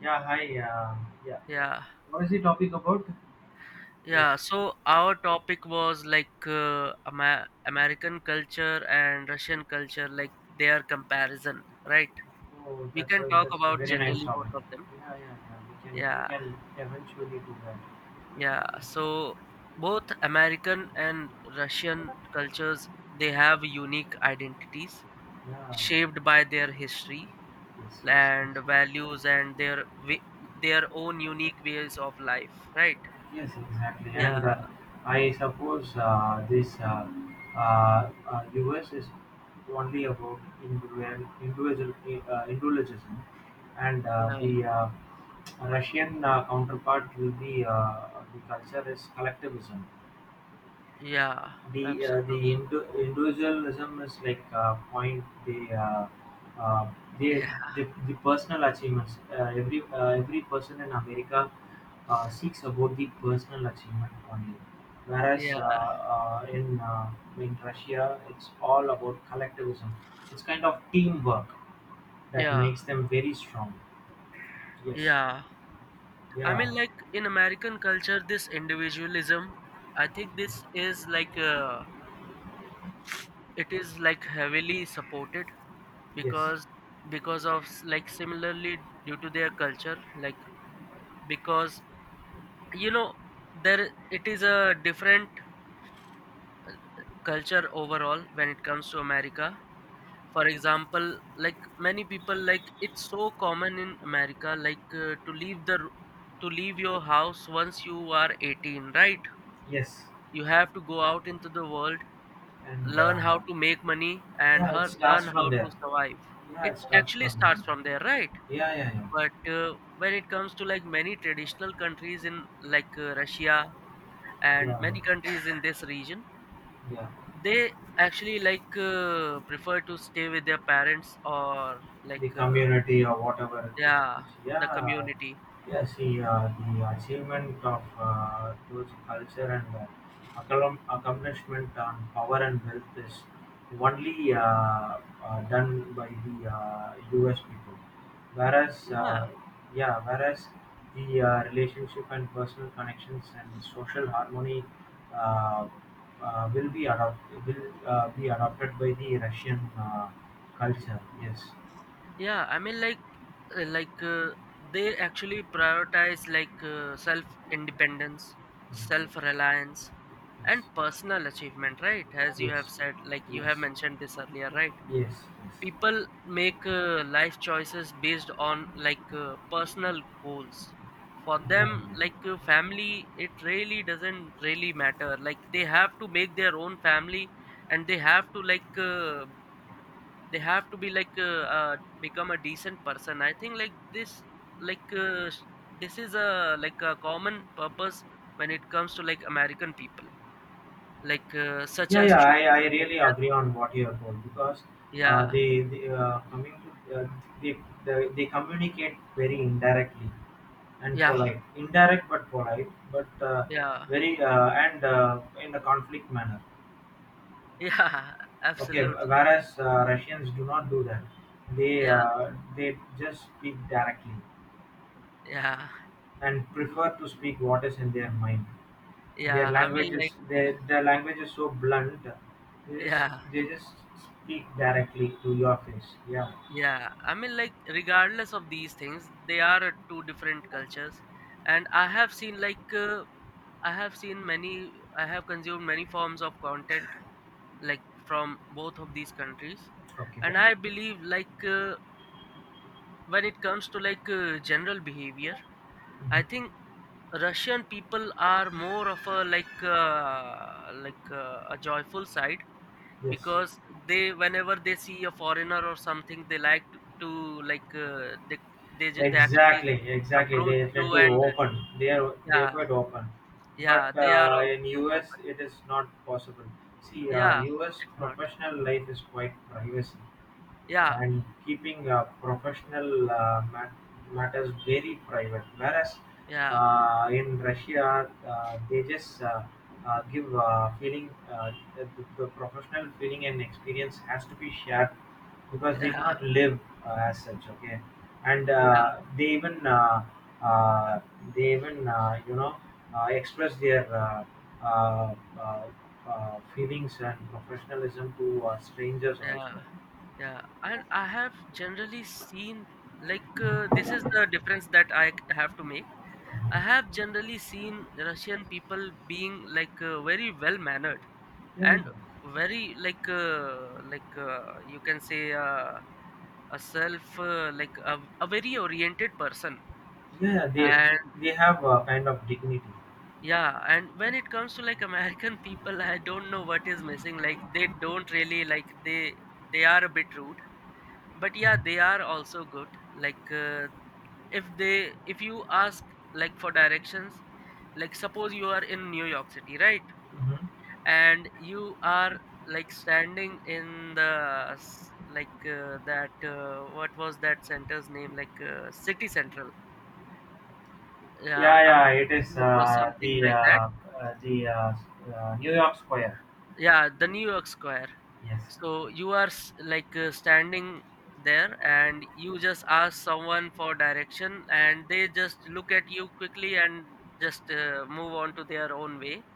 Yeah, hi. Yeah, Yeah, what is the topic about? Uh, yeah. So our topic was like Ama- American culture and Russian culture, like their comparison, right? oh, We that's can a talk that's a about very nice generally topic. both of them. Yeah, yeah, yeah, we can we Yeah, can eventually do that. yeah. So both American and Russian cultures, they have unique identities Yeah, shaped by their history yes, yes, and yes. values and their own unique ways of life, right? Yes, exactly. Yeah, And I suppose this US is only about individualism, and yeah, the Russian counterpart will be the culture is collectivism. yeah. The the Absolutely. Hindu individualism is like uh, the, Yeah, the personal achievements. Every every person in America seeks about the personal achievement only, whereas yeah. In Russia it's all about collectivism. It's kind of teamwork that Yeah, makes them very strong. Yes. yeah. I Yeah. mean, like in American culture, this individualism, I think this is like it is like heavily supported Yes. because because of like similarly due to their culture, like because you know there it is a different culture overall when it comes to America. For example, like many people, like it's so common in America like to leave to leave your house once you are 18, right? Yes. You have to go out into the world, And learn how to make money, and yeah, it her, starts learn from how to there. survive. Yeah, It it starts actually from starts from there. there, right? Yeah, yeah, yeah. But when it comes to like many traditional countries in like Russia and many Yeah, countries in this region, yeah, they actually like prefer to stay with their parents or like the community or whatever it is. yeah, the Yeah, community. yeah. See The achievement of those culture, and accomplishment on power and wealth is only done by the U.S. people, whereas Yeah, yeah, whereas the relationship and personal connections and social harmony Uh, will be adopted by the Russian culture. Yes. yeah. I mean like they actually prioritize like self independence, self reliance, and personal achievement, right? As you have Yes, said, like you have yes, mentioned this earlier, right? yes, yes. People make life choices based on like personal goals. For them, Environment. like family, it really doesn't really matter. Like, they have to make their own family and they have to like they have to be like become a decent person. I think like this, like this is a like a common purpose when it comes to like American people, like such Yeah, as yeah, I choosing a really career. agree on what you have told, because Yeah, they they, they communicate very indirectly and yeah, polite, indirect but polite, but yeah, very and in a conflict manner. yeah. Okay, Absolutely. whereas Russians do not do that. Yeah, They just speak directly yeah, and prefer to speak what is in their mind. yeah. Their I language mean is like their uh, their language is so blunt. They yeah, just they just speak directly to your face. Yeah. yeah. I mean like regardless of these things, they are two different cultures and I have seen like I have seen many, I have consumed many forms of content like from both of these countries, Okay. and I believe like when it comes to like general behavior, I Mhm. think Russian people are more of a like a joyful side. Yes. Because they, whenever they see a foreigner or something, they like to like they actually Exactly. Exactly. approach They tend you to and open. They are yeah, quite open, yeah, but they are also in not US open, it is not possible. Yeah, US it's not, professional life is quite privacy, yeah, and keeping professional matters very private. Whereas yeah, in Russia, they just give the professional feeling and experience has to be shared because they yeah, cannot live as such. Okay, and yeah, uh, they even express their uh, uh, feelings and professionalism to strangers also. yeah. Yeah, and I have generally seen like this is the difference that have to make. I have generally seen Russian people being like very well mannered Yeah. and very like you can say a self like a very oriented person, Yeah, they and they have a kind of dignity. yeah, and when it comes to like American people, I don't know what is missing. Like, they don't really like, they are a bit rude, but yeah, they are also good. Like if they, if you ask like for directions, like suppose you are in New York City, right? Mhm. And you are like standing in like that what was that center's name, like city central, yeah, Yeah, yeah, I'm, it is or something like that, the New York Square. yeah, the New York Square. Yes. So you are like standing there and you just ask someone for direction and they just look at you quickly and just move on to their own way.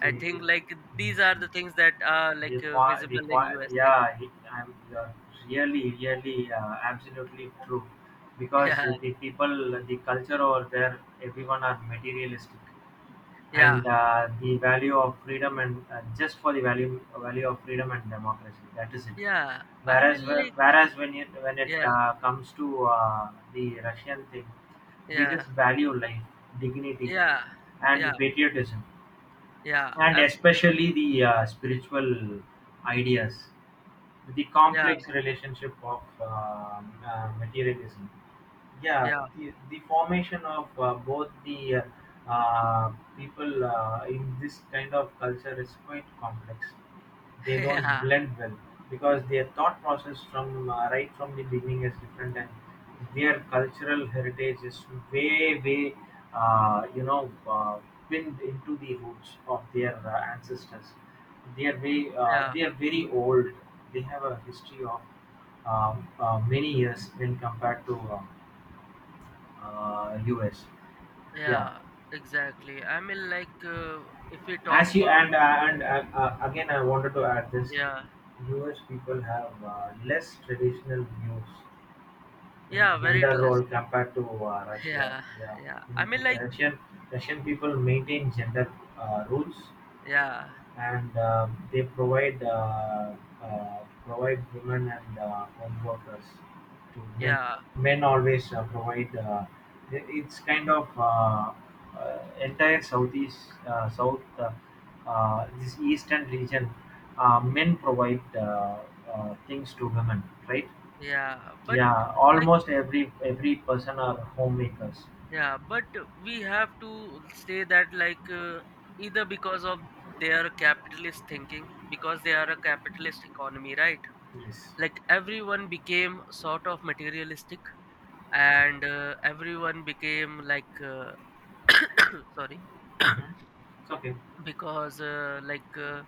I See, yes. think like these are the things that are The like point, the visible in point. USA. Yeah, it, I'm you're really, really, absolutely true, because Yeah, the people, the culture over there, everyone are materialistic, yeah, and the value of freedom and just for the value value of freedom and democracy. That is it. yeah. I mean whereas whe- like whereas when it yeah, comes to the Russian thing, they yeah, just value life, dignity, yeah, yeah, and patriotism, yeah, and absolutely, especially the spiritual ideas, the yeah, complex relationship of materialism. Yeah, yeah. The formation of both the uh, people in this kind of culture is quite complex. They don't Yeah, blend well because their thought process from right from the beginning is different, and their cultural heritage is way uh, you know uh, pinned into the roots of their ancestors. They are way yeah. they are very old. They have a history of many years when compared to US. Yeah, Yeah, exactly. I mean, like, if we talk as you about, and uh, again, I wanted to add this: yeah, U.S. people have less traditional views and yeah, very gender role less. compared to Russia. Yeah, Yeah, yeah. I mean, In like, Russian Russian people maintain gender rules, yeah, and they provide uh, provide women and home workers to men. yeah, Men always provide. It's kind of entire southeast south this eastern region. Men provide things to women, right? yeah. But, Yeah, like, almost every person are homemakers. yeah, but we have to say that, like, either because of their capitalist thinking, because they are a capitalist economy, right? Yes. Like, everyone became sort of materialistic, and everyone became, like, sorry. Hmm. It's okay. Because like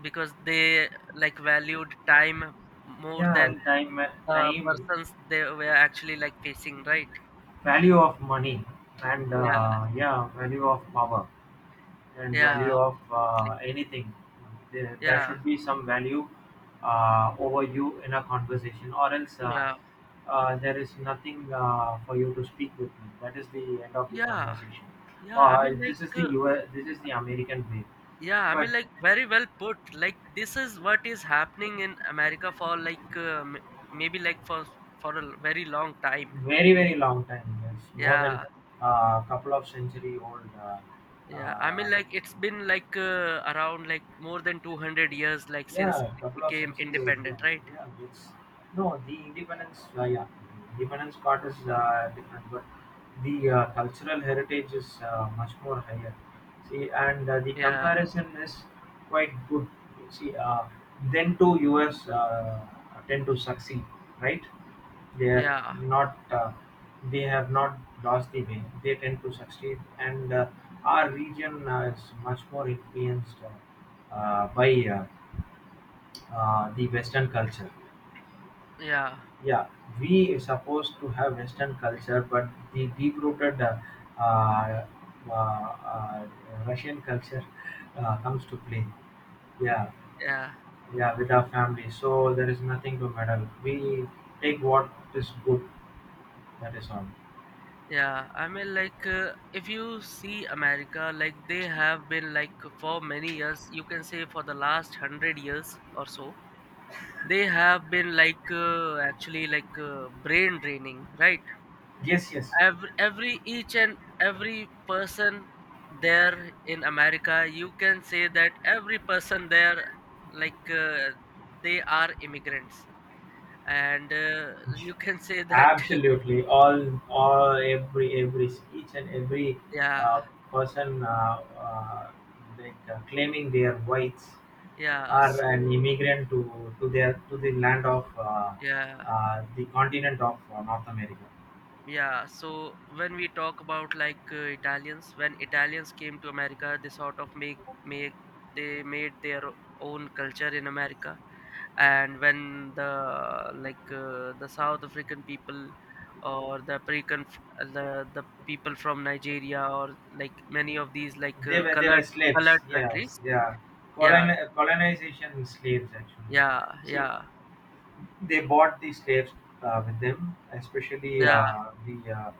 because they like valued time more than Yeah, time, the time, persons they were actually like facing, right? value of money, and Yeah, yeah, value of power, and value yeah, of absolutely, anything. There yeah, should be some value over you in a conversation, or else yeah, there is nothing for you to speak with me. That is the end of the yeah, conversation. yeah. I mean like This is the US, this is the american way, yeah, I but mean like very well put. Like, this is what is happening in America for like maybe like for a very long time. very very long time. It's more than Yeah, a couple of century old. Yeah. I uh, mean like it's been like around like more than 200 years like since Yeah, it couple of became century old. Yeah, independent, right? yeah. It's no the independence. Yeah, independence part is different, but the cultural heritage is much more higher. See, and the Yeah, comparison is quite good. See, then to US tend to succeed, right? They are yeah, not. They have not lost the way. They tend to succeed, and our region is much more influenced by uh, the Western culture. yeah, Yeah, we supposed to have Western culture, but the deep-rooted uh, uh, uh, Russian culture comes to play. Yeah, yeah, yeah, with our family. So there is nothing to meddle. We take what is good. That is all. yeah. I mean, like, if you see America, like, they have been, like, for many years, you can say for the last 100 years or so, they have been, like, actually, like, brain draining, right? Yes, yes. Each and every person there in America, you can say that every person there, like, they are immigrants. And you can say that, Absolutely. All, every, each and every uh, yeah. person like claiming their rights Yeah, are an so immigrant to their to the land of yeah, the continent of North America. yeah. So when we talk about like Italians, when Italians came to America, they sort of make they made their own culture in America, and when the like the South African people or the African, the people from Nigeria or like many of these like They were they were slaves. colored Yes, countries. yeah, Yeah, colon, colonization slaves actually. yeah, See, yeah, they bought the slaves with them, especially yeah, the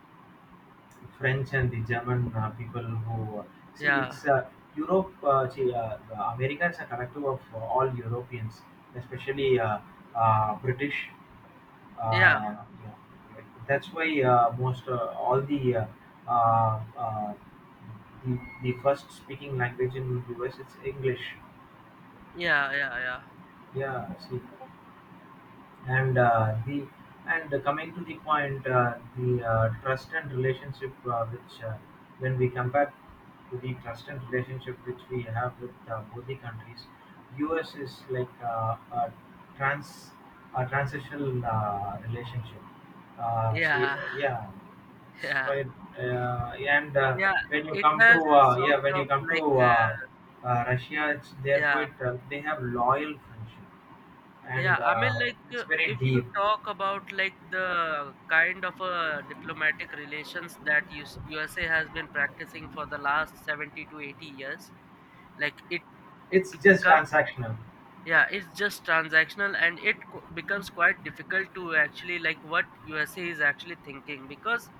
French and the German people who see yeah, it's Europe. See, the America is a collective of all Europeans, especially British yeah, uh, yeah. That's why most all uh, uh, the first speaking language in US, it's English. yeah, yeah, yeah, Yeah, see, and the and coming to the point, the trust and relationship which when we compare to the trust and relationship which we have with both the countries, us is like a trans transitional relationship. See, yeah. yeah, it's Yeah. quite and Yeah, when you it come to has sort of like russia, it's they're yeah, quite they have loyal friendship, and yeah. I mean like it's very if you deep. talk about like the kind of diplomatic relations that US, USA has been practicing for the last 70 to 80 years, like it, It's just becomes, transactional. yeah, it's just transactional, and it becomes quite difficult to actually like what USA is actually thinking, because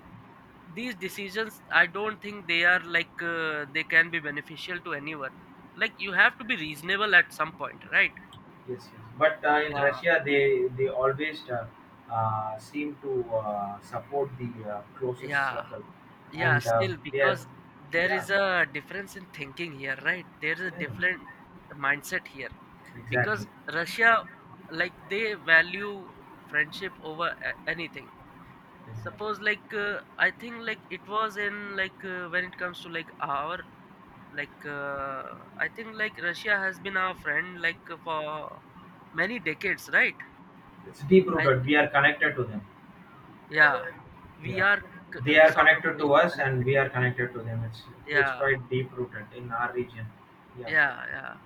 these decisions, I don't think they are like they can be beneficial to anyone. Like, you have to be reasonable at some point, right? Yes, yes. But in Yeah, Russia, they always seem to support the closest yeah, circle, yeah, and still, they are, because there yeah, is a difference in thinking here, right? There is a yeah, different mindset here, because exactly, Russia, like they value friendship over anything. Suppose exactly. like I think like it was in like when it comes to like our like I think like Russia has been our friend like for many decades, right? It's deep I rooted. think, We are connected to them. yeah, we Yeah, are they are sort of connected very to us, and connected, we are connected to them. It's yeah, quite deep rooted in our region. Yeah, yeah, yeah.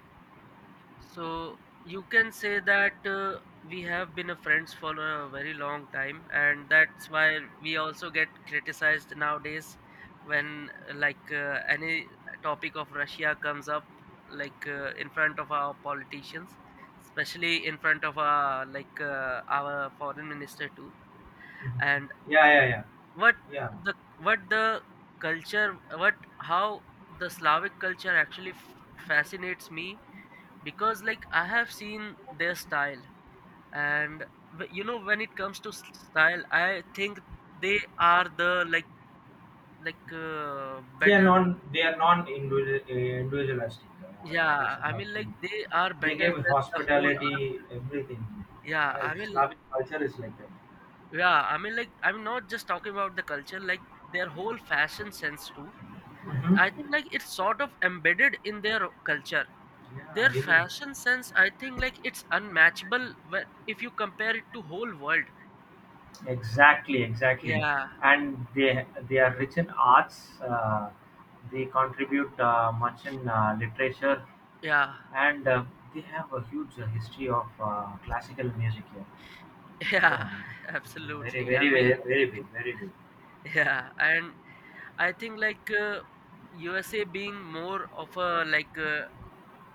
So you can say that we have been a friends for a very long time, and that's why we also get criticized nowadays when like any topic of Russia comes up, like in front of our politicians, especially in front of our like our foreign minister too. mhm, And yeah, yeah, yeah, what yeah. What the culture, what, how the Slavic culture actually fascinates me, because like I have seen their style, and you know, when it comes to style, I think they are the like They are better. non. They are non individualistic. A Yeah, person I mean like actually, they are they better gave than the whole art. hospitality everything. Yeah, I mean, Slavic culture is like that. yeah, I mean like I'm not just talking about the culture, like their whole fashion sense too, Hmm. I think like it's sort of embedded in their culture. Their Yeah, even fashion sense, I think like it's unmatchable when, if you compare it to whole world. exactly, exactly. Yeah, And they are rich in arts. They contribute much in literature, yeah. and they have a huge history of classical music here. Yeah, Yeah. Very, absolutely. I very, mean, very, very big, very big. yeah, and I think like USA being more of a like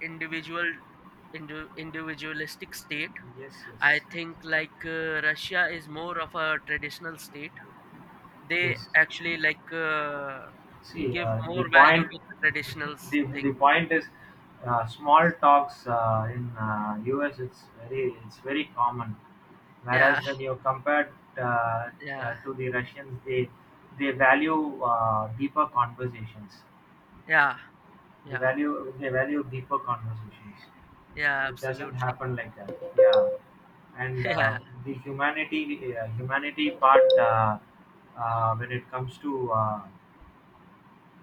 individual individualistic state. Yes, yes, I think like Russia is more of a traditional state. They yes. actually like See, give the more value point, to the traditional thing. the point is, small talks in US, it's very common. Whereas Yeah, when you compare uh, yeah, to the Russians, they value deeper conversations. yeah, yeah, They value deeper conversations. yeah, It doesn't absolutely. happen like that. Yeah, and the humanity humanity part when it comes to uh,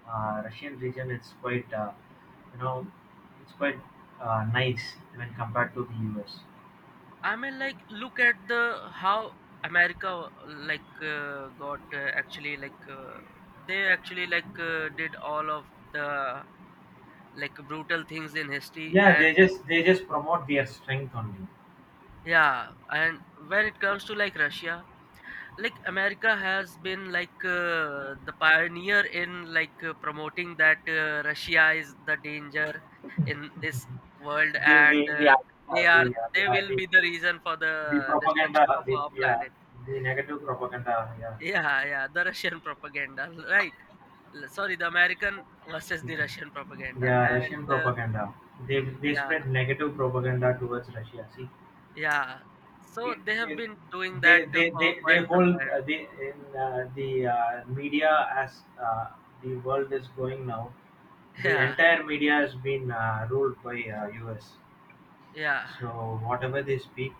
uh, Russian region, it's quite you know it's quite nice when compared to the US. I mean, like, look at the how America like got actually like they actually like did all of the like brutal things in history, Yeah, and they just promote their strength only. yeah, and when it comes to like Russia, like America has been like the pioneer in like promoting that Russia is the danger in this world, The and the the uh, they are the, uh, the, they uh, will the be the reason for the the propaganda, destruction of the our yeah, planet. the negative Yeah. propaganda, yeah, Yeah, yeah, the Russian propaganda, right? L- Sorry, the American versus the Russian propaganda, yeah, and Russian propaganda, they yeah, spread negative propaganda towards Russia. See, yeah. So it, they have it, been doing that for quite they some hold time. The media as the world is going now, the Yeah, entire media has been ruled by US. yeah, So whatever they speak,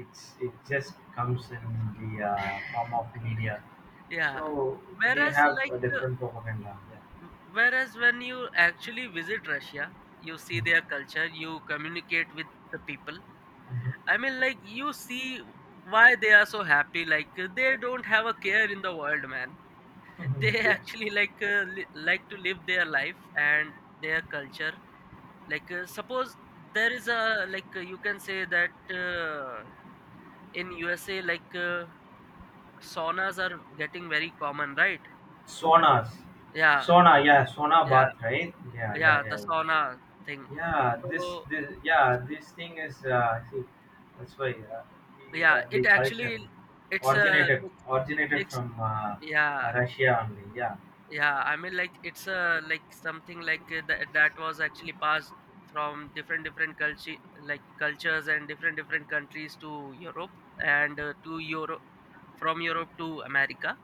it just comes in the form of media. yeah. So they Whereas, have like, a different propaganda. Whereas when you actually visit Russia, you see Yeah. their culture, you communicate with the people. I mean, like, you see why they are so happy. Like, they don't have a care in the world, man. Mhm. They Yeah. actually like to live their life and their culture, suppose there is a you can say that uh, in USA, saunas are getting very common, right? Sonas. Yeah, Sona, yeah, Sona yeah, bath, right? Yeah, yeah, yeah, the yeah, yeah. sauna thing. Yeah, this, So this, yeah, this thing is, see, that's why yeah, the it culture actually, it's a originated mix, originated mixed from yeah. Russia only. Yeah, Yeah, I mean, like it's like something that was actually passed from different cultures and different countries to Europe, and uh, to Europe from Europe to America,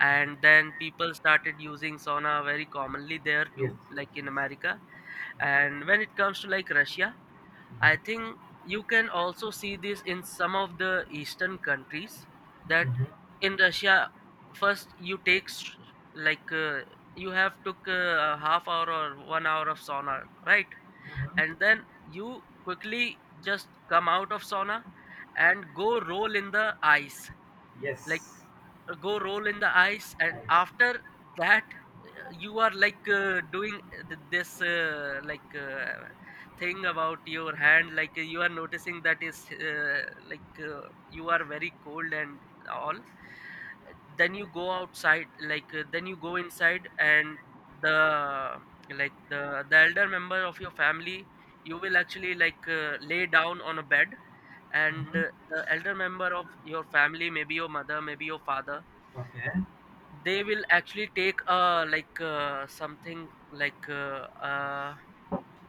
and then people started using sauna very commonly there yes. Yes. too, like in Yes. America. And when it comes to like Russia, I think you can also see this in some of the eastern countries. That Mm-hmm. Mm-hmm. in Russia, first you take s- like you have took a half hour or 1 hour of sauna, right? And Mm-hmm. then you quickly just come out of sauna and go roll in the ice. like Yes. And Nice. after that, you are doing this thing about your hand, you are noticing that, is you are very cold and all. Then you go inside, and the like the elder member of your family, you will actually lay down on a bed, and Mm-hmm. The elder member of your family, maybe your mother, maybe your father, Okay. they will actually take something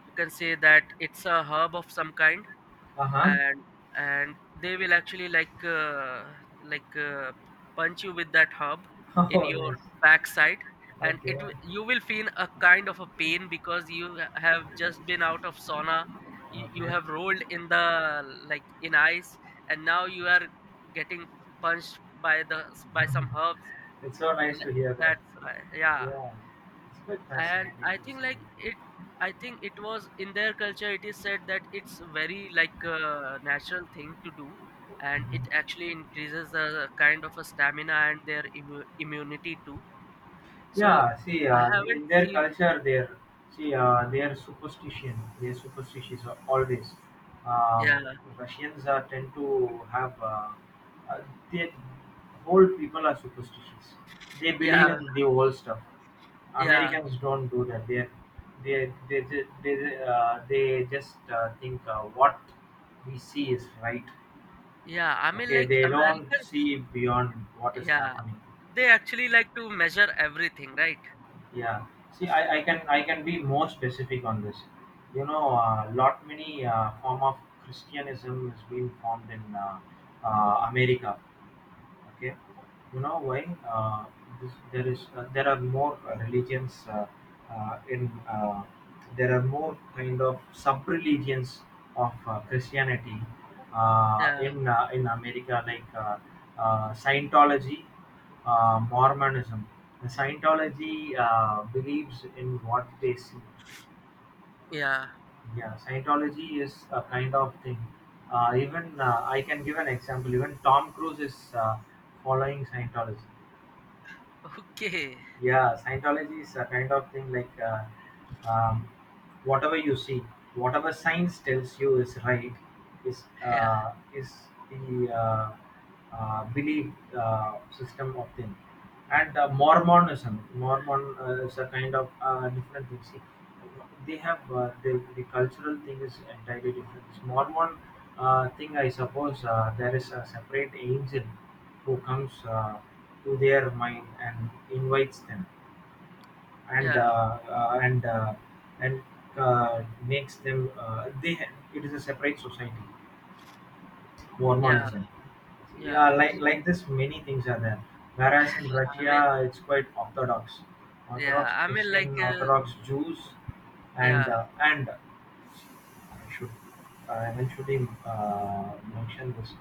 you can say that it's a herb of some kind. Uh huh. and and they will actually like uh, punch you with that herb in Oh, your nice. backside. And Okay. You will feel a kind of a pain because you have just been out of sauna, you Okay. have rolled in the like in ice, and now you are getting punched by Mhm. some herbs. It's so nice Like, to hear that. that's right, yeah. Yeah. It's quite And fascinating I to think see. like it, I think it was in their culture. It is said that it's very like a natural thing to do, and it actually increases the kind of a stamina and their immunity too. So Yeah, see, I haven't in their seen, culture, they're superstition. They're superstitious always. Um, yeah, Russians tend to have uh, they whole people are superstitious. They believe yeah, in the old stuff. yeah, Americans don't do that. They they they just think what we see is right. yeah. I mean, Okay, like they don't see Americans, beyond what is yeah, happening. they actually like to measure everything, right? Yeah. See, I can be more specific on this. You know, lot many form of Christianism has been formed in America. Okay, you know why? Uh, there is there are more religions in there are more kind of sub religions of Christianity Yeah, in America like Scientology, Mormonism. The Scientology believes in what they see. yeah. Yeah, Scientology is a kind of thing. Even I can give an example. Even Tom Cruise is following Scientology. Okay. Yeah, Scientology is a kind of thing like um, whatever you see, whatever science tells you is right, is Yeah, uh, is the belief system of thing. And Mormonism, Mormon is a kind of different thing. See, they have the cultural thing is entirely different. Mormon thing, I suppose, there is a separate angel who comes to their mind and invites them, and uh, yeah, uh, and uh, and makes them. They, it is a separate society, yeah, Mormonism. Yeah, yeah. like this, many things are there. Whereas in I mean. Russia, it's quite orthodox, Yeah, orthodox I mean, like, Christian, orthodox Jews, and yeah, should, I mean, should we mention this?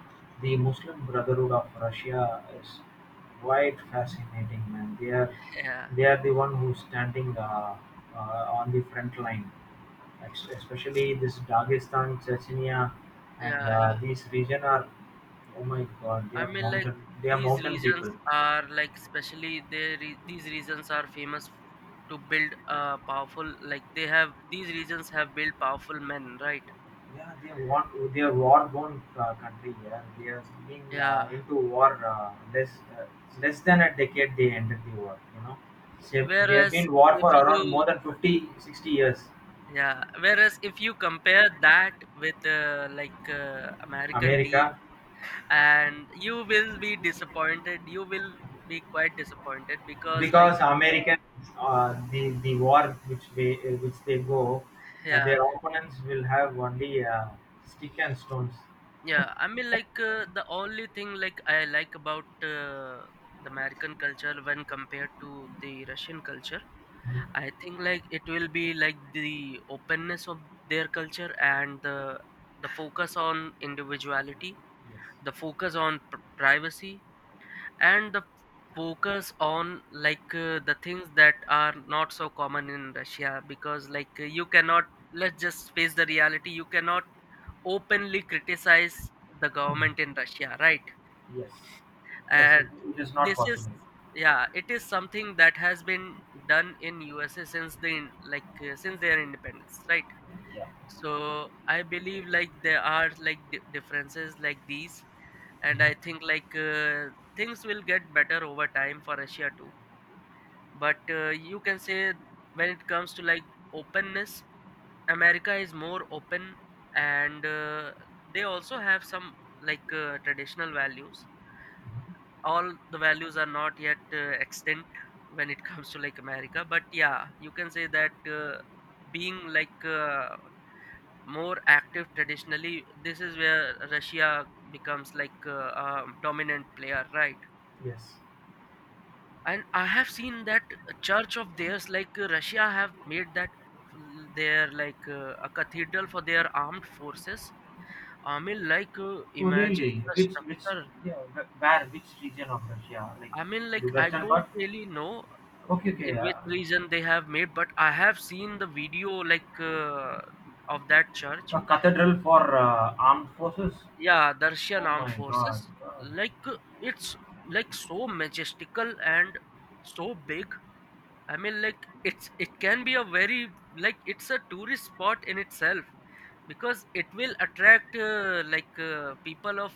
The Muslim Brotherhood of Russia is quite fascinating, man. They are yeah, they are the one who's standing on the front line, especially this Dagestan, Chechnya, and yeah, yeah. these region are, oh my god, I mean, like, they are these mountain people. regions are like, especially these regions are famous to build powerful. Like, they have these regions have built powerful men, right? Yeah, they're war-born country. Yeah, they have been Yeah. into war uh, less than a decade. They ended the war. You know, so they have Whereas been war if for around more you than 50, 60 years. Yeah, whereas if you compare that with American teen, America, and you will be disappointed. You will be quite disappointed because like because Americans, the war which they go, yeah. their opponents will have only stick and stones. Yeah, I mean, the only thing like I like about the American culture when compared to the Russian culture, Mhm. I think like it will be like the openness of their culture and the focus on individuality, Yes. the focus on privacy, and the focus on the things that are not so common in Russia, because you cannot, let's just face the reality, you cannot openly criticize the government Mhm. in Russia, right? yes, yes. It, And it is not this is possible. yeah, it is something that has been done in USA since the in- like since their independence, right? Yeah. So I believe like there are like differences like these, and I think things will get better over time for Russia too. But you can say when it comes to like openness, America is more open, and they also have some traditional values. All the values are not yet extant when it comes to like America, but yeah, you can say that being more active traditionally, this is where Russia becomes a dominant player, right? Yes. And I have seen that church of theirs, Russia, have made that their a cathedral for their armed forces. I mean, like, Oh, imagine really? the Which structure. yeah, wh- where which region of Russia? Like I mean, the like, I western don't part? really know Okay, in okay. which region they have made, but I have seen the video, like, of that church. A cathedral for armed forces. Yeah, the Russian Oh armed my God. forces. God. Like, it's like so majestical and so big. I mean, like, it's it can be a very like it's a tourist spot in itself, because it will attract people of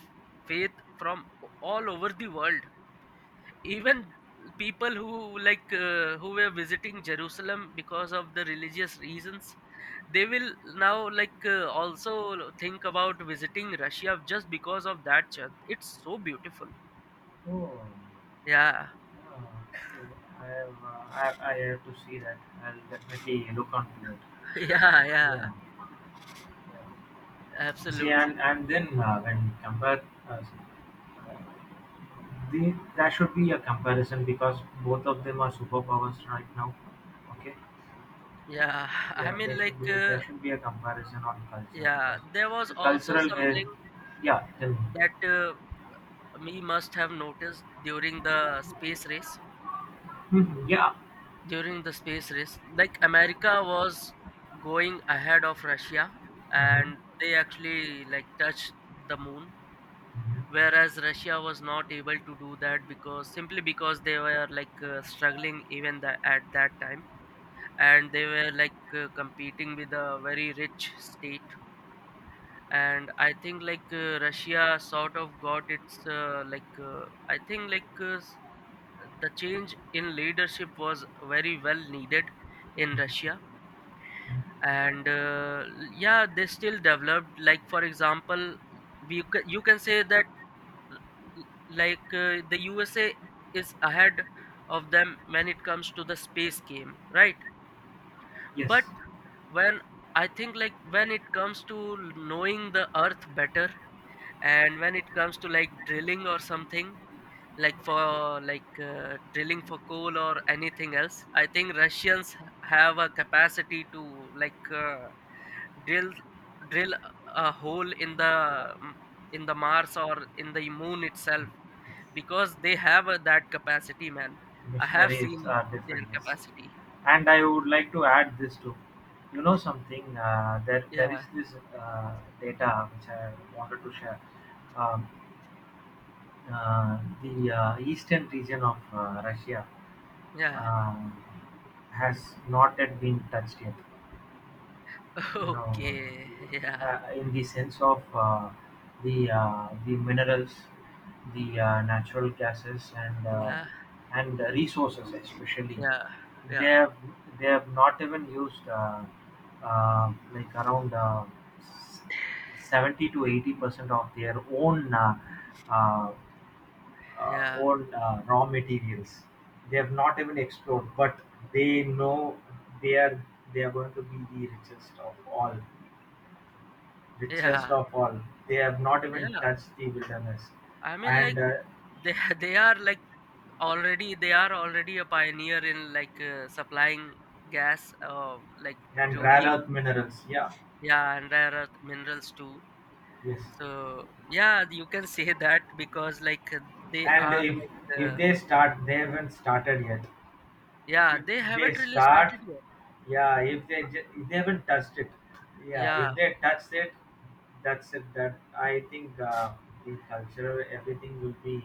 faith from all over the world. Even people who who were visiting Jerusalem because of the religious reasons, they will now also think about visiting Russia just because of that church. It's so beautiful. Oh, Yeah, yeah. I have to see that. I'll definitely look onto it. yeah, yeah, Yeah. See, absolutely. and then when you compare, uh, there should be a comparison because both of them are superpowers right now. Okay. Yeah, I Yeah, there mean, should like, be there should be a comparison on culture yeah, because there was the also cultural has, something yeah, tell me. that we must have noticed during the space race. Yeah. During the space race, like America was going ahead of Russia, and Hmm. they actually like touched the moon, Hmm. whereas Russia was not able to do that because, simply because they were struggling even at that time, and they were competing with a very rich state. And I think Russia sort of got its I think the change in leadership was very well needed in Russia. And yeah, they still developed, like for example, you can say that the USA is ahead of them when it comes to the space game, right? Yes, But when, I think like when it comes to knowing the earth better, and when it comes to like drilling or something, like for drilling for coal or anything else, I think Russians have a capacity to drill drill a hole in the Mars or in the moon itself, because they have that capacity, man. I have missionaries seen are different. their Yes, capacity, and I would like to add this too. You know something? There is yeah, this data which I wanted to share. Um, the eastern region of Russia yeah. um has not yet been touched yet. You know, Okay, yeah, in the sense of the minerals, the natural gases, yeah, and the resources especially. yeah, They yeah, have they have not even used like around s- 70 to 80% of their own uh, yeah, own raw materials. They have not even explored, but they know they are they are going to be the richest of all, richest yeah, of all. They have not even yeah. touched the wilderness, I mean, and like uh, they they are like, already they are already a pioneer in supplying gas, like and rare petroleum, earth minerals. Yeah, yeah, and rare earth minerals too. yes. So yeah, you can say that because they And are if if they start, they haven't started yet. yeah, If they they haven't really start, started yet. yeah. If they haven't touched it, yeah. Yeah, If they touch it, that's it. That I think the culture, everything will be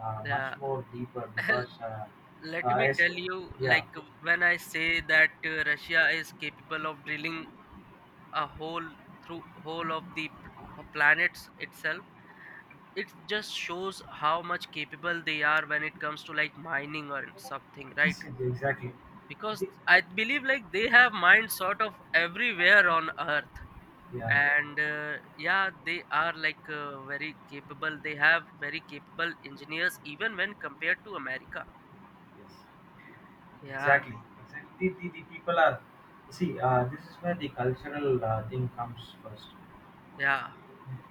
much yeah. more deeper because, Let uh, me es- tell you, yeah, like when I say that Russia is capable of drilling a hole through whole of planets itself, it just shows how much capable they are when it comes to like mining or something, right? yes, yes, exactly. Because The- I believe like they have mined sort of everywhere on Earth, yeah, and yeah, they are very capable, they have very capable engineers even when compared to America. yes. Yeah, Exactly, exactly. The people are, see, this is where the cultural thing comes first. yeah,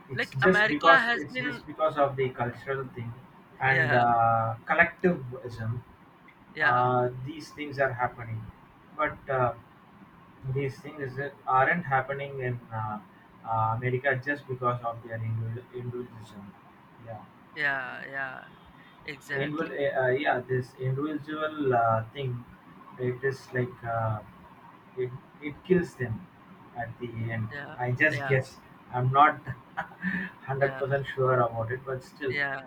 It's like just America because, has it's been, just because of the cultural thing and yeah, collectivism. yeah, These things are happening, but these things that aren't happening in America just because of their individualism. Yeah. yeah, yeah, Individual, exactly, yeah, this individual thing, it is like it it kills them at the end. yeah, I just yeah, guess. I'm not hundred yeah, percent sure about it, but still, yeah.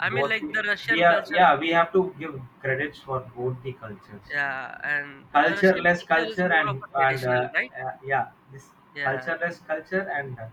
I mean, both like the, the we Russian are, culture, yeah, we have to give credits for both the cultures, yeah, and the Russian cultureless culture is culture more of and a traditional, right? Yeah, this Yeah. cultureless culture and